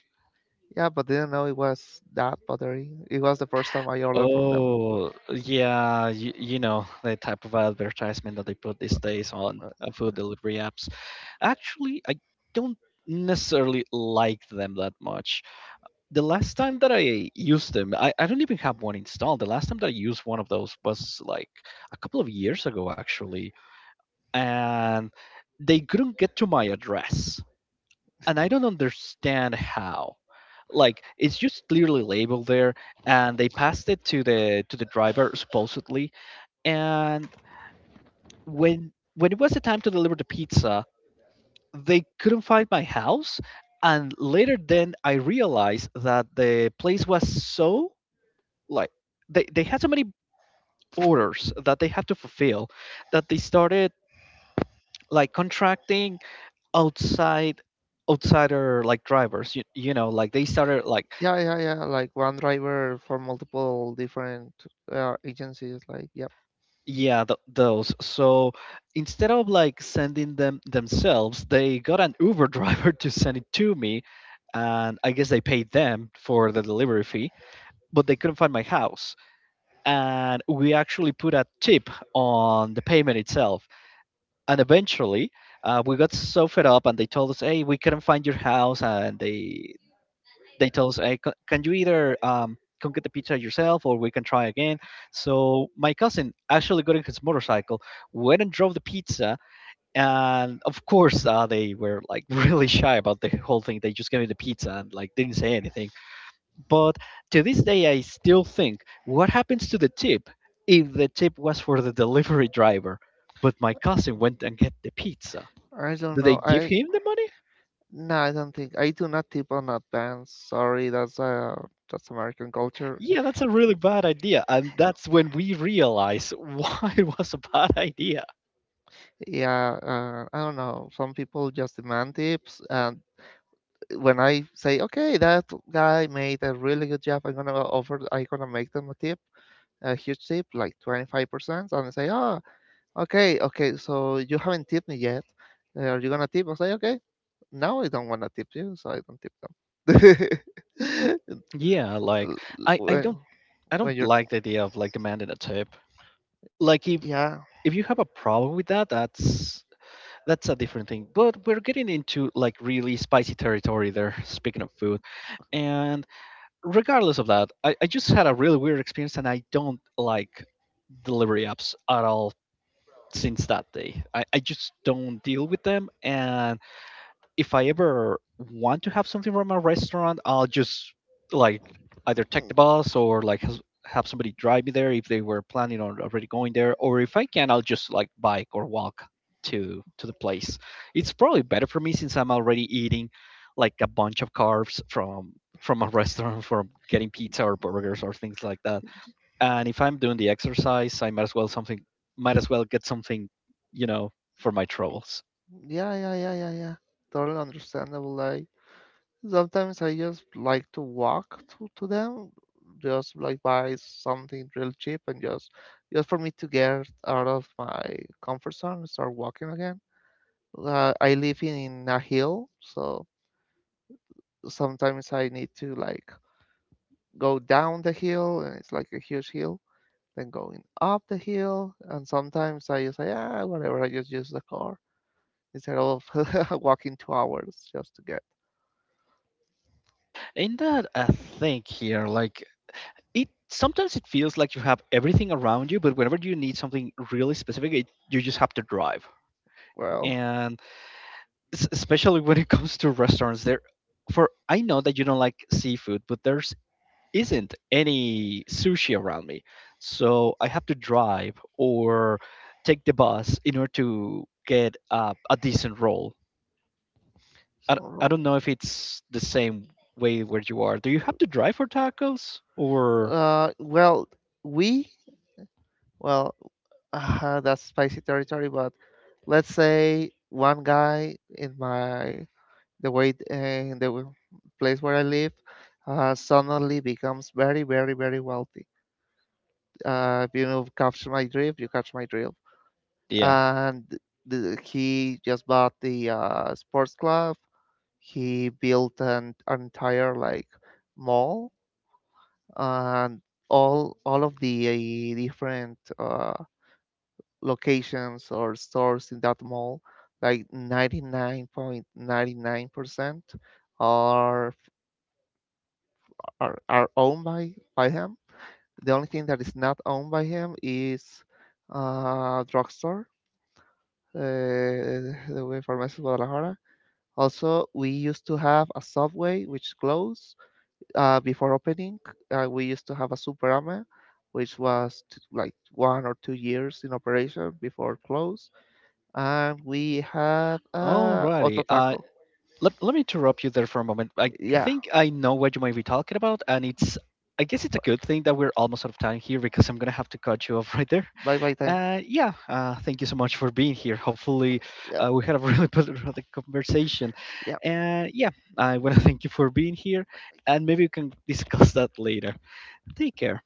S2: Yeah, but didn't know it was that battery. It was the first time I ordered from them.
S1: Oh, yeah, the type of advertisement that they put these days on
S2: Uh,
S1: food delivery apps. Actually, I don't necessarily like them that much. The last time that I used them, I don't even have one installed. The last time that I used one of those was like a couple of years ago, actually. And they couldn't get to my address, and I don't understand how. Like it's just clearly labeled there, and they passed it to the driver supposedly. And when it was the time to deliver the pizza, they couldn't find my house. And later, then I realized that the place was so like they had so many orders that they had to fulfill that they started like contracting outside outsider like drivers you, you know like they started like
S2: Yeah, yeah, yeah. Like one driver for multiple different agencies. Like, yep.
S1: Yeah, th those. So instead of like sending them themselves, they got an Uber driver to send it to me, and I guess they paid them for the delivery fee, but they couldn't find my house. And we actually put a tip on the payment itself. And eventually, we got so fed up, and they told us, "Hey, we couldn't find your house," and they tell us, hey, can you either come get the pizza yourself, or we can try again? So my cousin actually got in his motorcycle, went and drove the pizza. And of course, they were like really shy about the whole thing. They just gave me the pizza and like didn't say anything. But to this day, I still think, what happens to the tip if the tip was for the delivery driver? But my cousin went and get the pizza.
S2: I don't
S1: Do they
S2: know.
S1: give him the money?
S2: I don't think I do not tip on advance. Sorry, that's American culture.
S1: Yeah, that's a really bad idea. And that's when we realize why it was a bad idea.
S2: Yeah, I don't know. Some people just demand tips, and when I say, okay, that guy made a really good job, I'm gonna offer, I'm gonna make them a tip, a huge tip, like 25%, and I say, oh, okay, okay, so you haven't tipped me yet. Are you gonna tip? I say, okay, now I don't wanna tip you, so I don't tip them.
S1: Yeah, like I, I
S2: when,
S1: don't I
S2: when
S1: don't
S2: you're,
S1: like the idea of like demanding a tip. Like
S2: yeah,
S1: if you have a problem with that, that's a different thing. But we're getting into like really spicy territory there, speaking of food. And regardless of that, I just had a really weird experience, and I don't like delivery apps at all since that day. I just don't deal with them, and if I ever want to have something from a restaurant, I'll just like either take the bus, or have somebody drive me there if they were planning on already going there, or if I can, I'll just like bike or walk to the place. It's probably better for me since I'm already eating like a bunch of carbs from a restaurant, from getting pizza or burgers or things like that. And if I'm doing the exercise, I might as well something might as well get something, you know, for my troubles.
S2: yeah, yeah, yeah, yeah, yeah, totally understandable. Like, sometimes I just like to walk to them, just like buy something real cheap and just for me to get out of my comfort zone and start walking again. I live in a hill, so sometimes I need to like go down the hill, and it's like a huge hill, then going up the hill, and sometimes I just say, ah, whatever, I just use the car instead of walking 2 hours just to get,
S1: In that, I think here, like it sometimes it feels like you have everything around you, but whenever you need something really specific, you just have to drive.
S2: well,
S1: And especially when it comes to restaurants, there for I know that you don't like seafood, but there's isn't any sushi around me, so I have to drive or take the bus in order to get a decent roll.
S2: some
S1: I
S2: road.
S1: don't know if it's the same way where you are. Do you have to drive for tacos or?
S2: Well, we, well, That's spicy territory, but let's say one guy in my the way in the w- place where I live suddenly becomes very, very, very wealthy. If you know, catch my drift, you catch my drift.
S1: Yeah.
S2: And he just bought the sports club. He built an entire like mall and all of the different. Locations or stores in that mall, like 99.99% are are owned by him. The only thing that is not owned by him is drugstore, the Farmacias Guadalajara. Also, we used to have a subway which closed before opening. We used to have a Superama, which was like 1 or 2 years in operation before close. And we had
S1: Alrighty.
S2: Ototaco.
S1: Let me interrupt you there for a moment. I
S2: Yeah,
S1: think I know what you might be talking about, and it's I guess it's a
S2: b-
S1: good thing that we're almost out of time here, because I'm gonna have to cut you off right there.
S2: bye bye time.
S1: Yeah. Thank you so much for being here. Hopefully,
S2: Yeah,
S1: we had a really productive conversation.
S2: yeah.
S1: And yeah, I wanna thank you for being here, and maybe we can discuss that later. Take care.